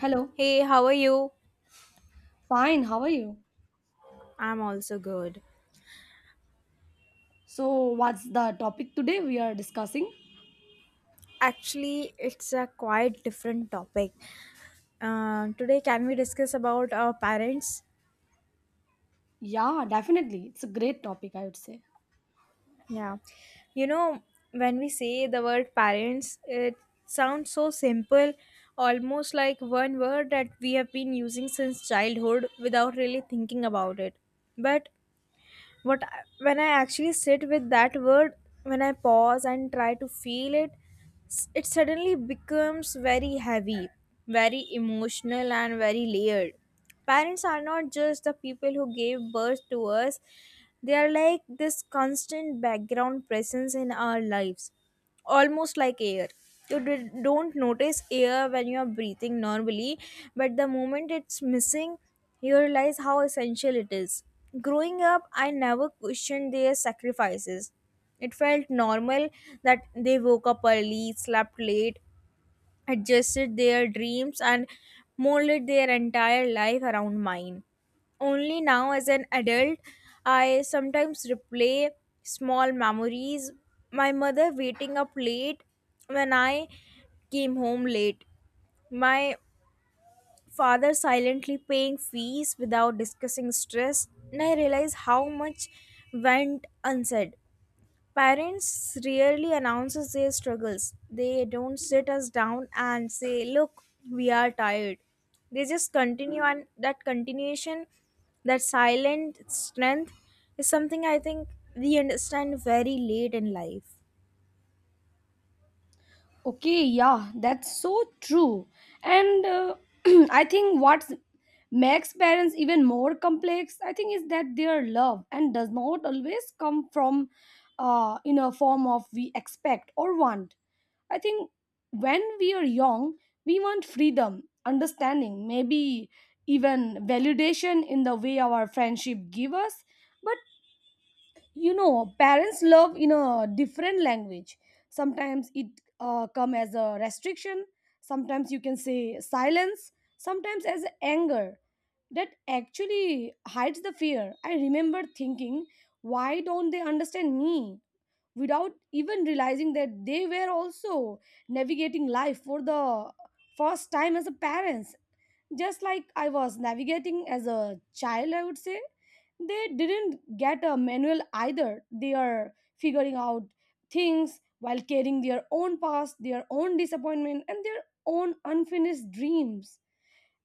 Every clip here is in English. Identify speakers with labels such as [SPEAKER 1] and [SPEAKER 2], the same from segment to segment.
[SPEAKER 1] Hello.
[SPEAKER 2] Hey, how are you?
[SPEAKER 1] Fine, how are you?
[SPEAKER 2] I'm also good.
[SPEAKER 1] So, what's the topic today we are discussing?
[SPEAKER 2] Actually, it's a quite different topic. Today, can we discuss about our parents?
[SPEAKER 1] Yeah, definitely. It's a great topic, I would say.
[SPEAKER 2] Yeah. You know, when we say the word parents, it sounds so simple, almost like one word that we have been using since childhood without really thinking about it. But But when I actually sit with that word, when I pause and try to feel it, it suddenly becomes very heavy, very emotional, and very layered. Parents are not just the people who gave birth to us. They are like this constant background presence in our lives, almost like air. You don't notice air when you are breathing normally, but the moment it's missing, you realize how essential it is. Growing up, I never questioned their sacrifices. It felt normal that they woke up early, slept late, adjusted their dreams, and molded their entire life around mine. Only now, as an adult, I sometimes replay small memories. My mother waiting up late when I came home late, my father silently paying fees without discussing stress, and I realize how much went unsaid. Parents rarely announces their struggles. They don't sit us down and say, "Look, we are tired." They just continue, and that continuation, that silent strength, is something I think we understand very late in life.
[SPEAKER 1] Okay, yeah, that's so true. And I think what makes parents even more complex, I think, is that their love and does not always come from in a form of we expect or want. I think when we are young, we want freedom, understanding, maybe even validation in the way our friendship give us. But you know parents love in a different language, sometimes it come as a restriction, sometimes you can say silence, sometimes as anger that actually hides the fear. I remember thinking, why don't they understand me, without even realizing that they were also navigating life for the first time as a parents, just like I was navigating as a child, I would say. They didn't get a manual either. They are figuring out things while carrying their own past, their own disappointment, and their own unfinished dreams.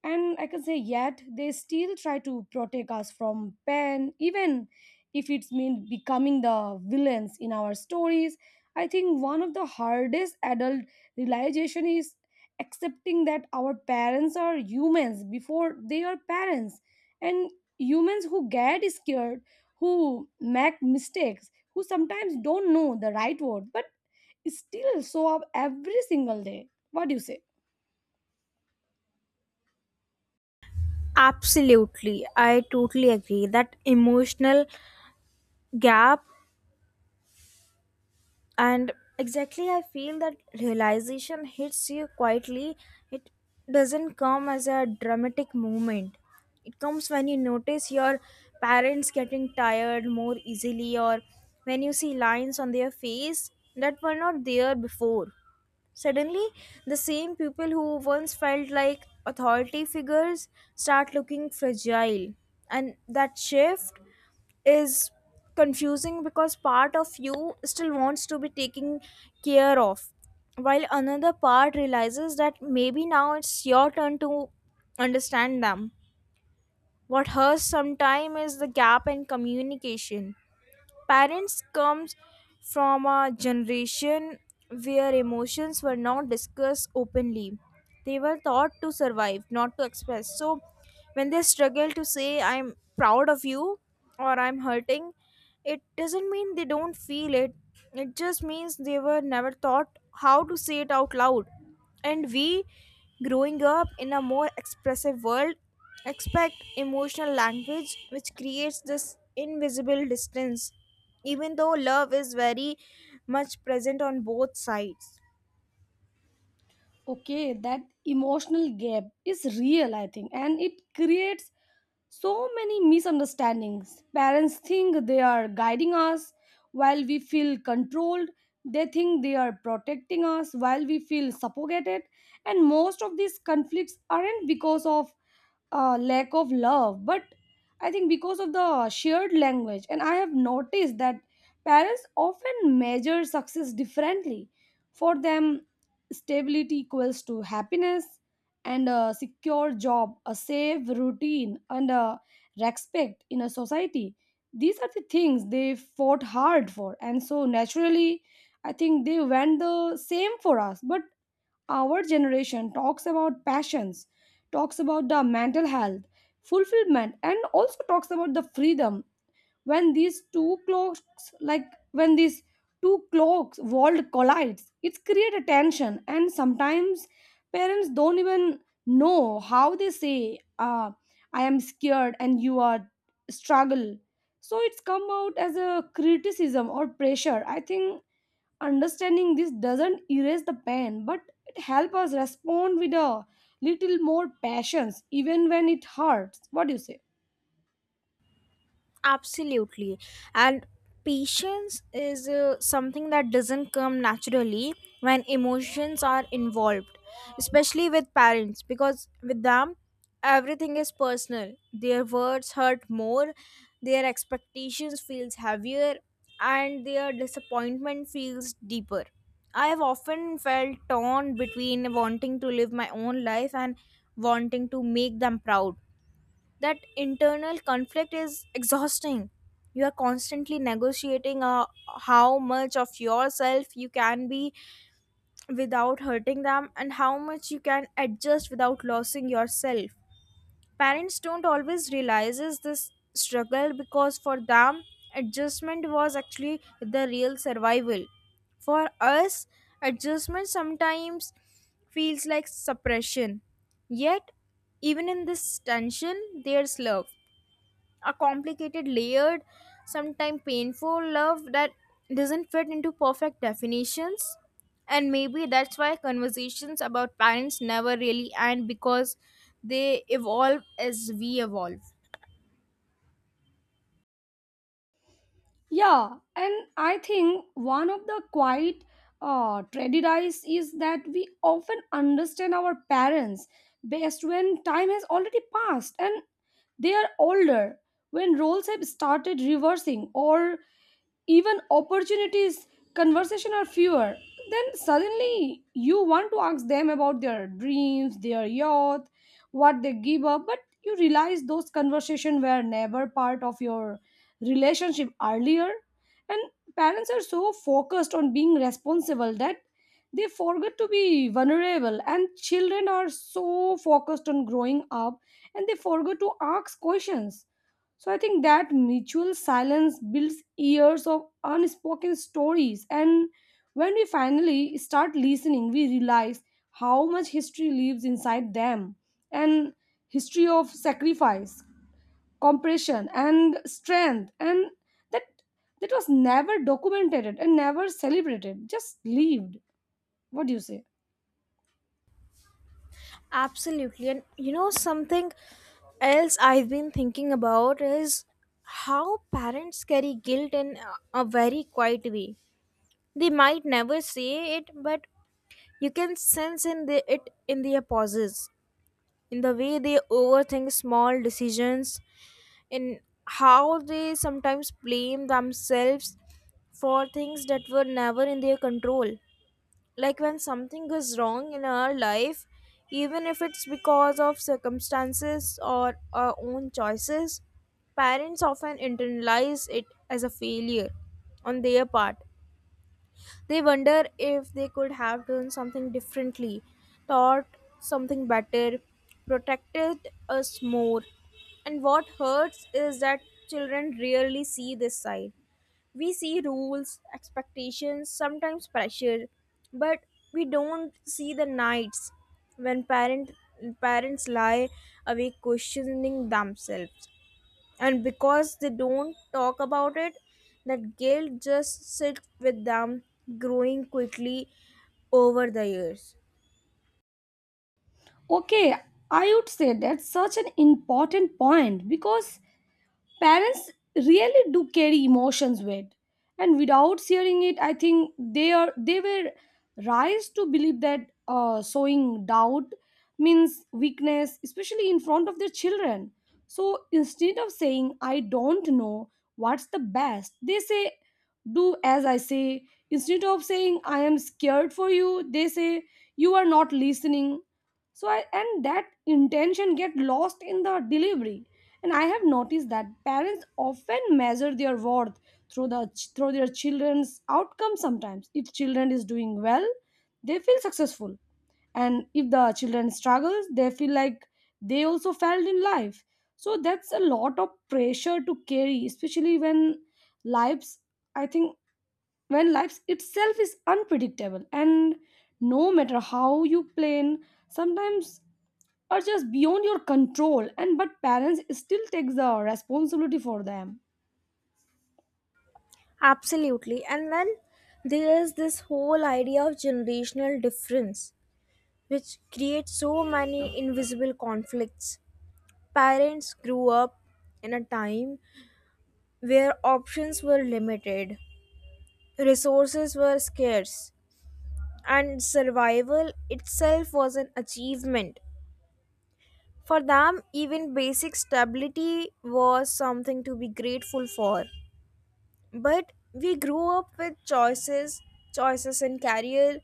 [SPEAKER 1] And I can say yet they still try to protect us from pain, even if it's mean becoming the villains in our stories. I think one of the hardest adult realization is accepting that our parents are humans before they are parents, and humans who get scared, who make mistakes, who sometimes don't know the right word but still show up every single day. What do you say?
[SPEAKER 2] Absolutely. I totally agree. That emotional gap, and exactly, I feel that realization hits you quietly. It doesn't come as a dramatic moment. It comes when you notice your parents getting tired more easily, or when you see lines on their face that were not there before. Suddenly, the same people who once felt like authority figures start looking fragile, and that shift is confusing, because part of you still wants to be taken care of, while another part realizes that maybe now it's your turn to understand them. What hurts sometime is the gap in communication. Parents comes from a generation where emotions were not discussed openly. They were taught to survive, not to express. So when they struggle to say I'm proud of you, or I'm hurting, it doesn't mean they don't feel it. It just means they were never taught how to say it out loud. And we, growing up in a more expressive world, expect emotional language, which creates this invisible distance, even though love is very much present on both sides.
[SPEAKER 1] Okay, that emotional gap is real, I think, and it creates so many misunderstandings. Parents think they are guiding us while we feel controlled. They think they are protecting us while we feel suffocated. And most of these conflicts aren't because of lack of love, but I think because of the shared language. And I have noticed that parents often measure success differently. For them, stability equals to happiness, and a secure job, a safe routine, and a respect in a society, these are the things they fought hard for, and so naturally I think they went the same for us. But our generation talks about passions, talks about the mental health, fulfillment, and also talks about the freedom. when these two clocks like when these two clocks world collides, it's create a tension, and sometimes parents don't even know how they say, I am scared and you are struggle. So it's come out as a criticism or pressure. I think understanding this doesn't erase the pain, but it help us respond with a little more patience, even when it hurts. What do you say?
[SPEAKER 2] Absolutely. And patience is something that doesn't come naturally when emotions are involved, especially with parents, because with them, everything is personal. Their words hurt more, their expectations feels heavier, and their disappointment feels deeper. I have often felt torn between wanting to live my own life and wanting to make them proud. That internal conflict is exhausting. You are constantly negotiating how much of yourself you can be without hurting them, and how much you can adjust without losing yourself. Parents don't always realizes this struggle, because for them, adjustment was actually the real survival. For us, adjustment sometimes feels like suppression. Yet even in this tension, there's love, a complicated, layered, sometimes painful love that doesn't fit into perfect definitions. And maybe that's why conversations about parents never really end, because they evolve as we evolve.
[SPEAKER 1] Yeah, and I think one of the quiet tragedies is that we often understand our parents best when time has already passed and they are older, when roles have started reversing, or even opportunities conversation are fewer. Then suddenly you want to ask them about their dreams, their youth, what they give up, but you realize those conversations were never part of your relationship earlier. And parents are so focused on being responsible that they forget to be vulnerable, and children are so focused on growing up and they forget to ask questions. So I think that mutual silence builds years of unspoken stories. And when we finally start listening, we realize how much history lives inside them. And history of sacrifice, compression, and strength. And that that was never documented and never celebrated, just lived. What do you say?
[SPEAKER 2] Absolutely. And you know, something else I've been thinking about is how parents carry guilt in a very quiet way. They might never say it, but you can sense it in their pauses, in the way they overthink small decisions, in how they sometimes blame themselves for things that were never in their control. Like when something goes wrong in our life, even if it's because of circumstances or our own choices, parents often internalize it as a failure on their part. They wonder if they could have done something differently, taught something better, protected us more. And what hurts is that children rarely see this side. We see rules, expectations, sometimes pressure, but we don't see the nights when parents lie awake questioning themselves. And because they don't talk about it, that guilt just sits with them, growing quickly over the years.
[SPEAKER 1] Okay, I would say that's such an important point because parents really do carry emotions with and without sharing it. I think they were raised to believe that sowing doubt means weakness, especially in front of their children. So instead of saying I don't know what's the best, they say do as I say. Instead of saying I am scared for you, they say you are not listening. So i and that intention get lost in the delivery. And I have noticed that parents often measure their worth through the through their children's outcomes, sometimes. If children is doing well, they feel successful. And if the children struggles, they feel like they also failed in life. So that's a lot of pressure to carry, especially when lives I think when life itself is unpredictable and no matter how you plan, sometimes are just beyond your control. And but parents still takes the responsibility for them.
[SPEAKER 2] Absolutely. And then there is this whole idea of generational difference, which creates so many invisible conflicts. Parents grew up in a time where options were limited, resources were scarce, and survival itself was an achievement. For them, even basic stability was something to be grateful for. But we grew up with choices, choices in career,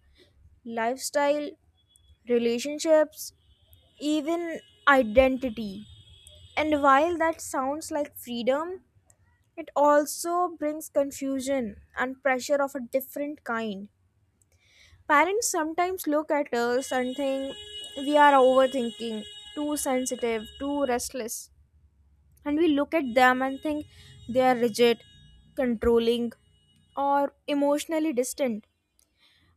[SPEAKER 2] lifestyle, relationships, even identity. And while that sounds like freedom, it also brings confusion and pressure of a different kind. Parents sometimes look at us and think we are overthinking, too sensitive, too restless, and we look at them and think they are rigid, controlling, or emotionally distant.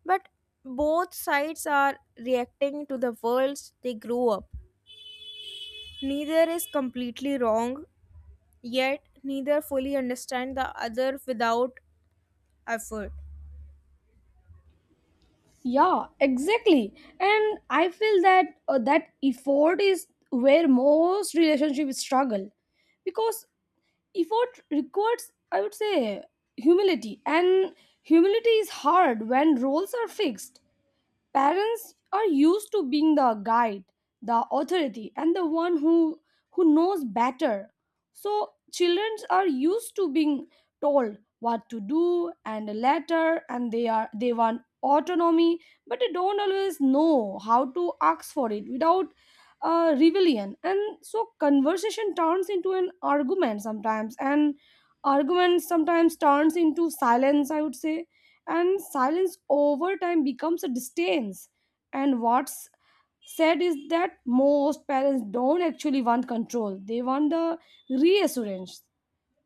[SPEAKER 2] But both sides are reacting to the worlds they grew up. Neither is completely wrong, yet neither fully understand the other without effort.
[SPEAKER 1] Yeah, exactly. And I feel that that effort is where most relationships struggle because effort requires, I would say, humility, and humility is hard when roles are fixed. Parents are used to being the guide, the authority, and who knows better. So children are used to being told what to do, and later, and they are they want autonomy, but they don't always know how to ask for it without rebellion. And so conversation turns into an argument sometimes, and argument sometimes turns into silence, I would say, and silence over time becomes a distance. And what's said is that most parents don't actually want control, they want the reassurance.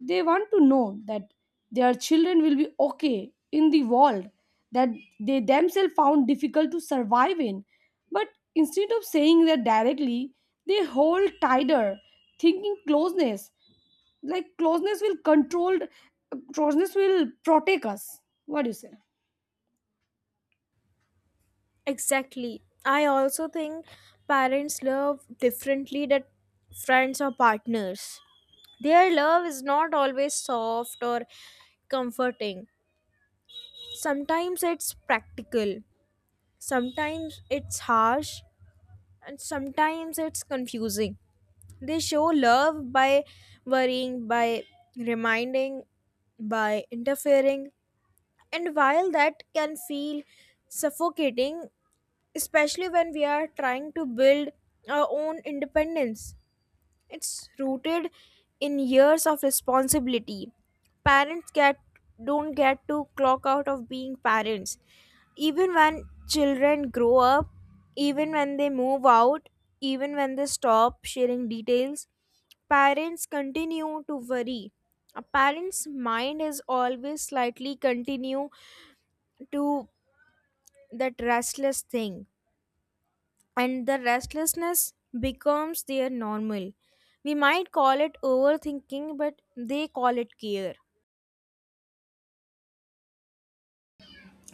[SPEAKER 1] They want to know that their children will be okay in the world that they themselves found difficult to survive in. But instead of saying that directly, they hold tighter, thinking closeness, closeness will control, closeness will protect us. What do you say?
[SPEAKER 2] Exactly. I also think parents love differently than friends or partners. Their love is not always soft or comforting. Sometimes it's practical, sometimes it's harsh, and sometimes it's confusing. They show love by worrying, by reminding, by interfering. And while that can feel suffocating, especially when we are trying to build our own independence, it's rooted in years of responsibility. Parents get don't get to clock out of being parents. Even when children grow up, even when they move out, even when they stop sharing details, parents continue to worry. A parent's mind is always slightly continue to that restless thing, and the restlessness becomes their normal. We might call it overthinking, but they call it care.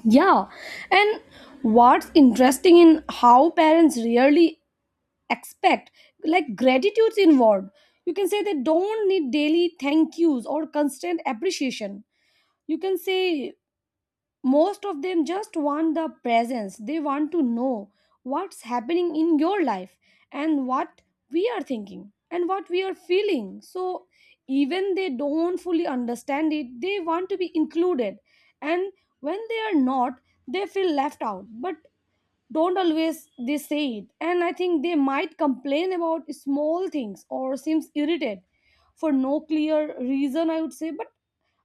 [SPEAKER 1] Yeah, and what's interesting in how parents rarely expect, like, gratitude's involved. You can say they don't need daily thank yous or constant appreciation. You can say most of them just want the presence. They want to know what's happening in your life and what we are thinking and what we are feeling. So even they don't fully understand it, they want to be included. And when they are not, they feel left out, but don't always they say it. And I think they might complain about small things or seems irritated for no clear reason, I would say, but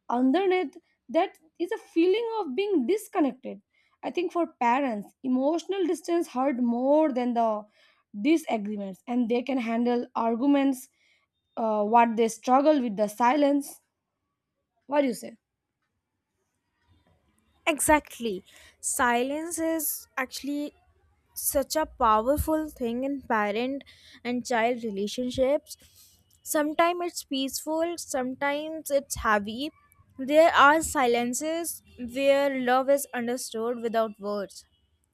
[SPEAKER 1] underneath that is a feeling of being disconnected. I think for parents emotional distance hurt more than the disagreements, and they can handle arguments. What they struggle with the silence. What do you say?
[SPEAKER 2] Exactly. Silence is actually such a powerful thing in parent and child relationships. Sometimes it's peaceful, sometimes it's heavy. There are silences where love is understood without words,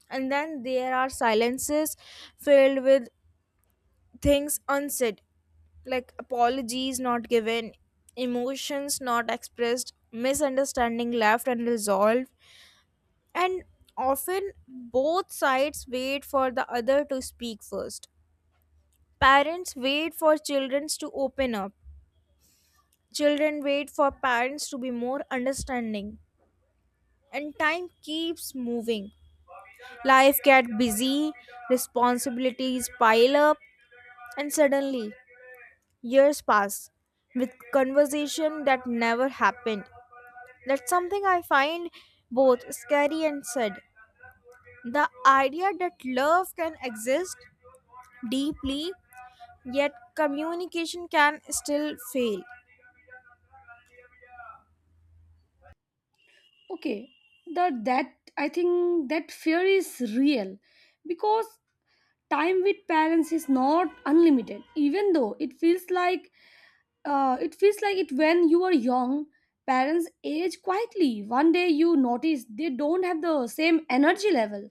[SPEAKER 2] and then there are silences filled with things unsaid, like apologies not given, emotions not expressed, misunderstanding left unresolved. And often both sides wait for the other to speak first. Parents wait for children to open up, children wait for parents to be more understanding, and time keeps moving. Life gets busy, responsibilities pile up, and suddenly years pass with conversation that never happened. That's something I find both scary and sad. The idea that love can exist deeply, yet communication can still fail.
[SPEAKER 1] Okay the that I think that fear is real because time with parents is not unlimited, even though it feels like, it feels like it when you are young. Parents age quietly. One day you notice they don't have the same energy level,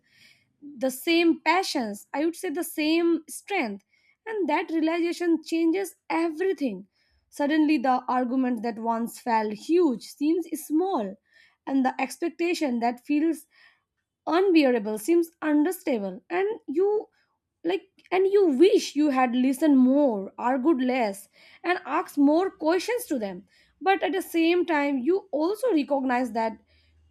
[SPEAKER 1] the same passions, I would say the same strength. And that realization changes everything. Suddenly the argument that once felt huge seems small, and the expectation that feels unbearable seems unstable. Like and you wish you had listened more, argued less, and asked more questions to them. But at the same time you also recognize that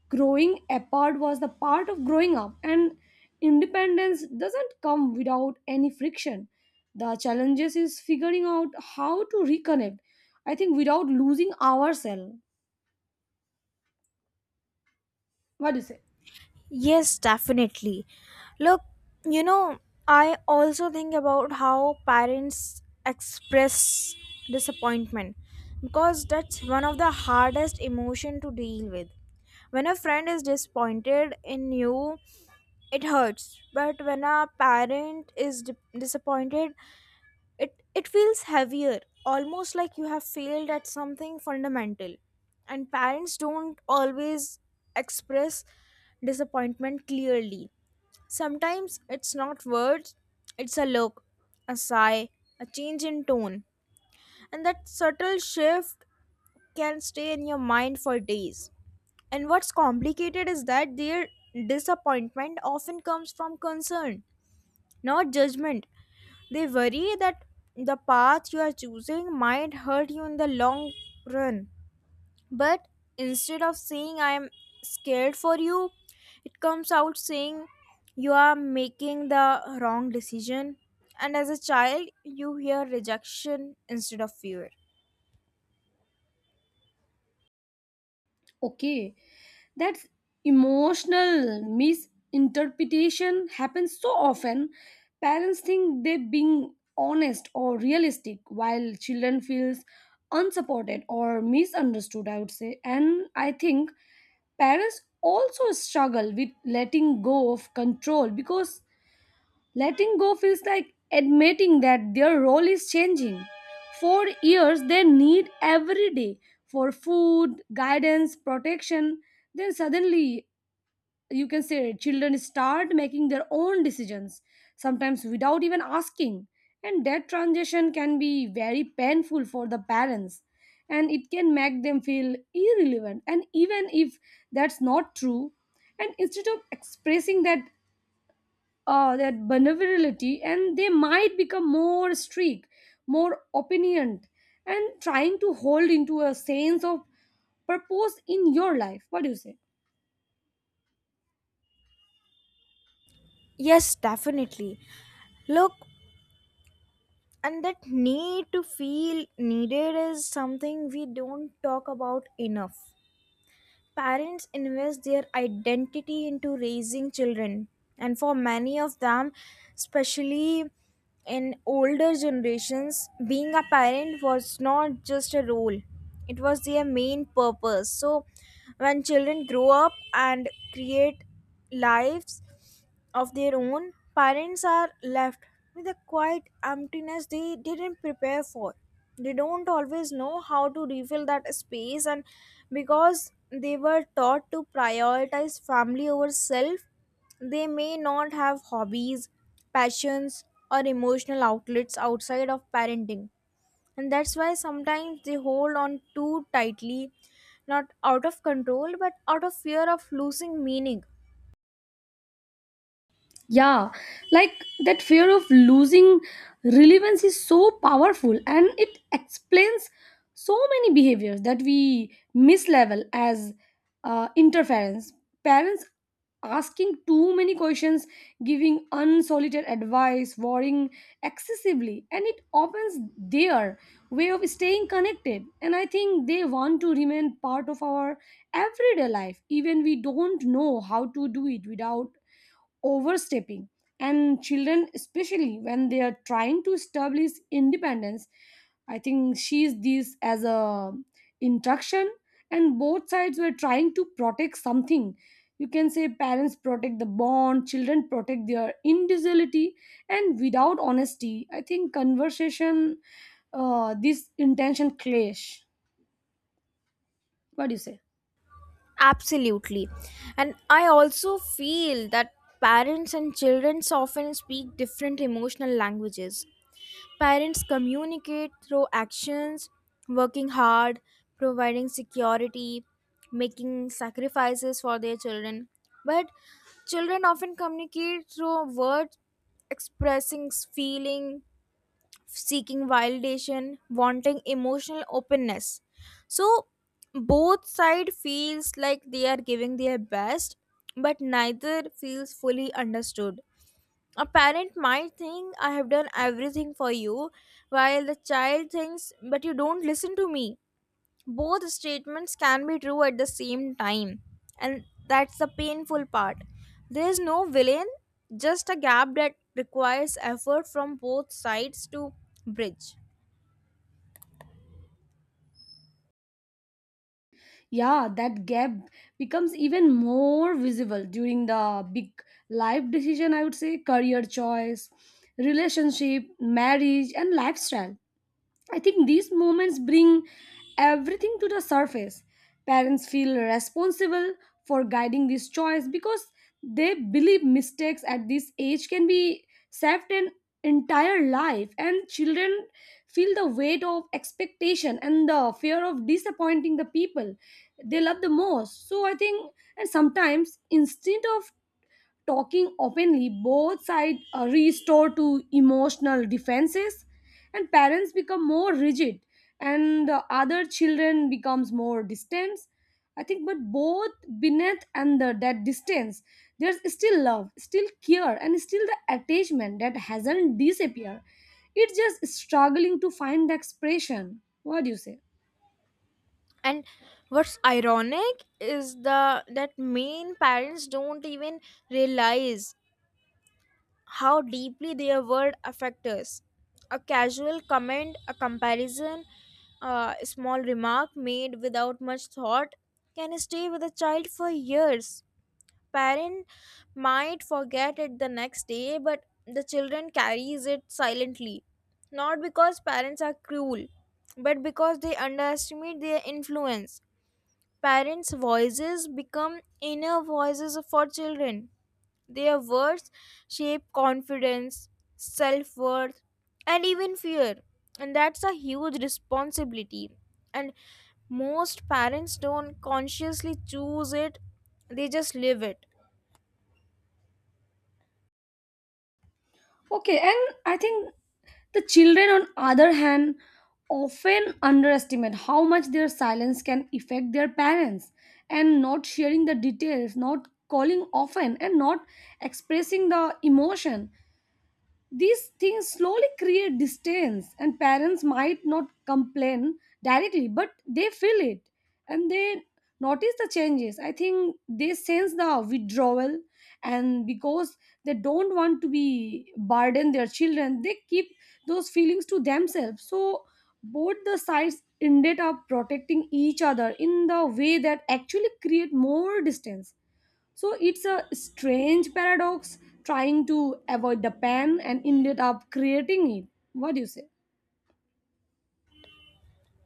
[SPEAKER 1] growing apart was the part of growing up, and independence doesn't come without any friction. The challenges is figuring out how to reconnect, I think, without losing ourselves. What do you say?
[SPEAKER 2] Yes, definitely. Look, you know, I also think about how parents express disappointment, because that's one of the hardest emotion to deal with. When a friend is disappointed in you, it hurts. But when a parent is disappointed, it feels heavier, almost like you have failed at something fundamental. And parents don't always express disappointment clearly. Sometimes it's not words, it's a look, a sigh, a change in tone, and that subtle shift can stay in your mind for days. And what's complicated is that their disappointment often comes from concern, not judgment. They worry that the path you are choosing might hurt you in the long run. But instead of saying I am scared for you, it comes out saying you are making the wrong decision. And as a child, you hear rejection instead of fear.
[SPEAKER 1] Okay, that's emotional misinterpretation happens so often. Parents think they're being honest or realistic, while children feels unsupported or misunderstood, I would say. And I think parents also struggle with letting go of control because letting go feels like admitting that their role is changing. For years, they need every day for food, guidance, protection. Then suddenly, you can say children start making their own decisions, sometimes without even asking. And that transition can be very painful for the parents, and it can make them feel irrelevant, and even if that's not true. And instead of expressing that their vulnerability, and they might become more strict, more opinioned, and trying to hold into a sense of purpose in your life. What do you say?
[SPEAKER 2] Yes, definitely. Look, and that need to feel needed is something we don't talk about enough. Parents invest their identity into raising children, and for many of them, especially in older generations, being a parent was not just a role, it was their main purpose. So, when children grow up and create lives of their own, parents are left with a quiet emptiness they didn't prepare for. They don't always know how to refill that space, and because they were taught to prioritize family over self, they may not have hobbies, passions, or emotional outlets outside of parenting. And that's why sometimes they hold on too tightly, not out of control, but out of fear of losing meaning.
[SPEAKER 1] Yeah, like that fear of losing relevance is so powerful, and it explains so many behaviors that we mislabel as interference. Parents asking too many questions, giving unsolicited advice, worrying excessively, and it opens their way of staying connected. And I think they want to remain part of our everyday life, even we don't know how to do it without overstepping. And children, especially when they are trying to establish independence, I think sees this as a instruction. And both sides were trying to protect something. You can say parents protect the bond, children protect their individuality. And without honesty, I think conversation, this intention clash. What do you say?
[SPEAKER 2] Absolutely. And I also feel that parents and children often speak different emotional languages. Parents communicate through actions, working hard, providing security, making sacrifices for their children. But children often communicate through words, expressing feelings, seeking validation, wanting emotional openness. So both side feels like they are giving their best, but neither feels fully understood. A parent might think I have done everything for you, while the child thinks, but you don't listen to me. Both statements can be true at the same time, and that's the painful part. There is no villain, just a gap that requires effort from both sides to bridge.
[SPEAKER 1] Yeah, that gap becomes even more visible during the big life decision, I would say, career choice, relationship, marriage, and lifestyle. I think these moments bring everything to the surface. Parents feel responsible for guiding this choice because they believe mistakes at this age can be saved an entire life, and children feel the weight of expectation and the fear of disappointing the people they love the most. So I think, and sometimes instead of talking openly, both sides restore to emotional defenses, and parents become more rigid, and the other children becomes more distant. I think, but both beneath that distance, there's still love, still care, and still the attachment that hasn't disappeared. It's just struggling to find the expression. What do you say?
[SPEAKER 2] And what's ironic is the that main parents don't even realize how deeply their word affect us. A casual comment, a comparison, a small remark made without much thought, can stay with a child for years. Parent might forget it the next day, but the children carries it silently, not because parents are cruel, but because they underestimate their influence. Parents' voices become inner voices for children. Their words shape confidence, self worth, and even fear. And that's a huge responsibility. And most parents don't consciously choose it, they just live it.
[SPEAKER 1] Okay, and I think the children, on other hand, often underestimate how much their silence can affect their parents. And not sharing the details, not calling often, and not expressing the emotion, these things slowly create distance, and parents might not complain directly, but they feel it and they notice the changes. I think they sense the withdrawal, and because they don't want to be burden their children, they keep those feelings to themselves. So both the sides ended up protecting each other in the way that actually create more distance. So it's a strange paradox, trying to avoid the pen and ended up creating it. What do you say?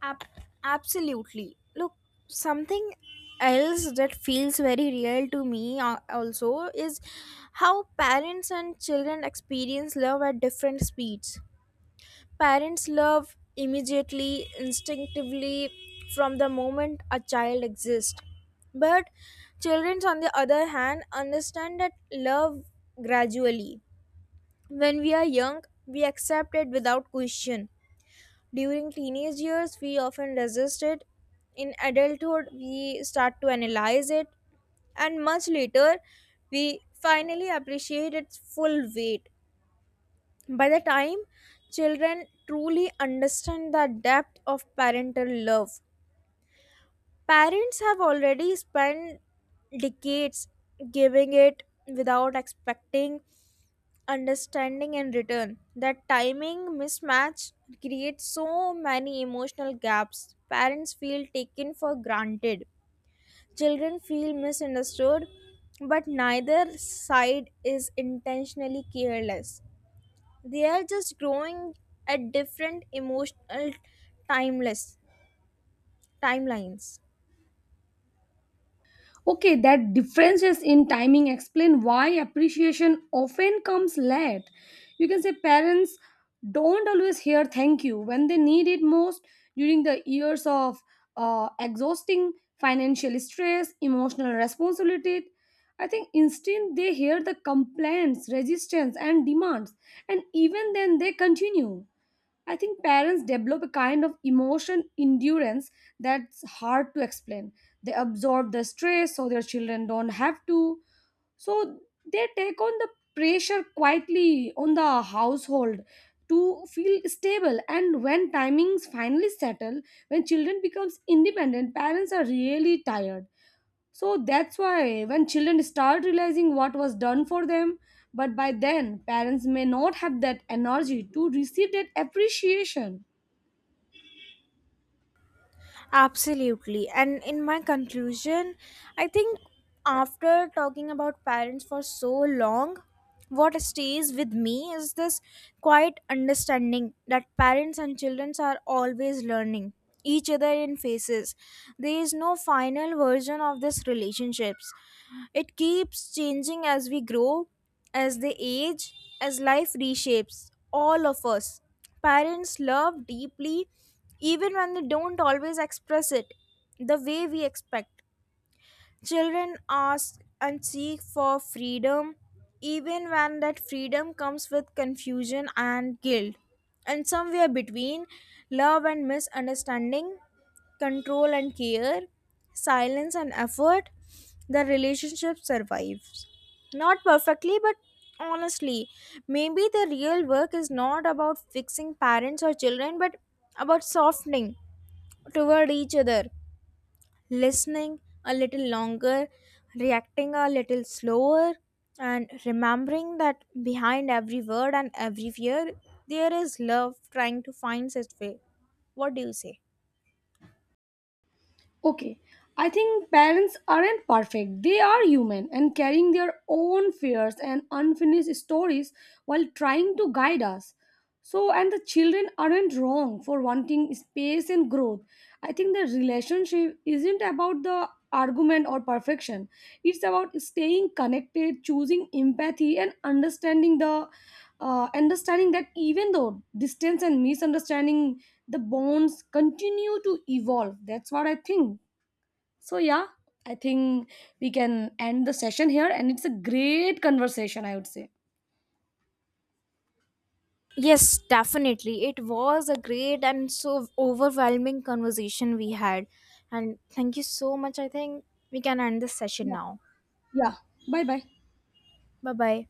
[SPEAKER 2] Ab- absolutely. Look, something else that feels very real to me also is how parents and children experience love at different speeds. Parents love immediately, instinctively, from the moment a child exists. But children, on the other hand, understand that love gradually. When we are young, we accept it without question. During teenage years, we often resist it. In adulthood, we start to analyze it. And much later, we finally appreciate its full weight. By the time children truly understand the depth of parental love, parents have already spent decades giving it without expecting understanding in return. That timing mismatch creates so many emotional gaps. Parents feel taken for granted, children feel misunderstood, but neither side is intentionally careless. They are just growing at different emotional timeless timelines.
[SPEAKER 1] Okay, that differences in timing explain why appreciation often comes late. You can say parents don't always hear thank you when they need it most, during the years of exhausting financial stress, emotional responsibility. I think instead they hear the complaints, resistance, and demands, and even then they continue. I think parents develop a kind of emotion endurance that's hard to explain. They absorb the stress so their children don't have to. So they take on the pressure quietly on the household to feel stable. And when timings finally settle, when children becomes independent, parents are really tired. So that's why when children start realizing what was done for them, but by then parents may not have that energy to receive that appreciation.
[SPEAKER 2] Absolutely. And in my conclusion, I think after talking about parents for so long, what stays with me is this quiet understanding that parents and children are always learning each other in phases. There is no final version of this relationships. It keeps changing as we grow, as they age, as life reshapes all of us. Parents love deeply even when they don't always express it the way we expect. Children ask and seek for freedom, even when that freedom comes with confusion and guilt. And somewhere between love and misunderstanding, control and care, silence and effort, the relationship survives. Not perfectly, but honestly. Maybe the real work is not about fixing parents or children, but about softening toward each other, listening a little longer, reacting a little slower, and remembering that behind every word and every fear, there is love trying to find its way. What do you say?
[SPEAKER 1] Okay, I think parents aren't perfect. They are human and carrying their own fears and unfinished stories while trying to guide us. So, and the children aren't wrong for wanting space and growth. I think the relationship isn't about the argument or perfection, it's about staying connected, choosing empathy, and understanding the, understanding that even though distance and misunderstanding, the bonds continue to evolve. That's what I think. So yeah, I think we can end the session here, and it's a great conversation, I would say.
[SPEAKER 2] Yes, definitely. It was a great and so overwhelming conversation we had. And thank you so much. I think we can end this session
[SPEAKER 1] Yeah,
[SPEAKER 2] now.
[SPEAKER 1] yeah. Bye bye.
[SPEAKER 2] Bye bye.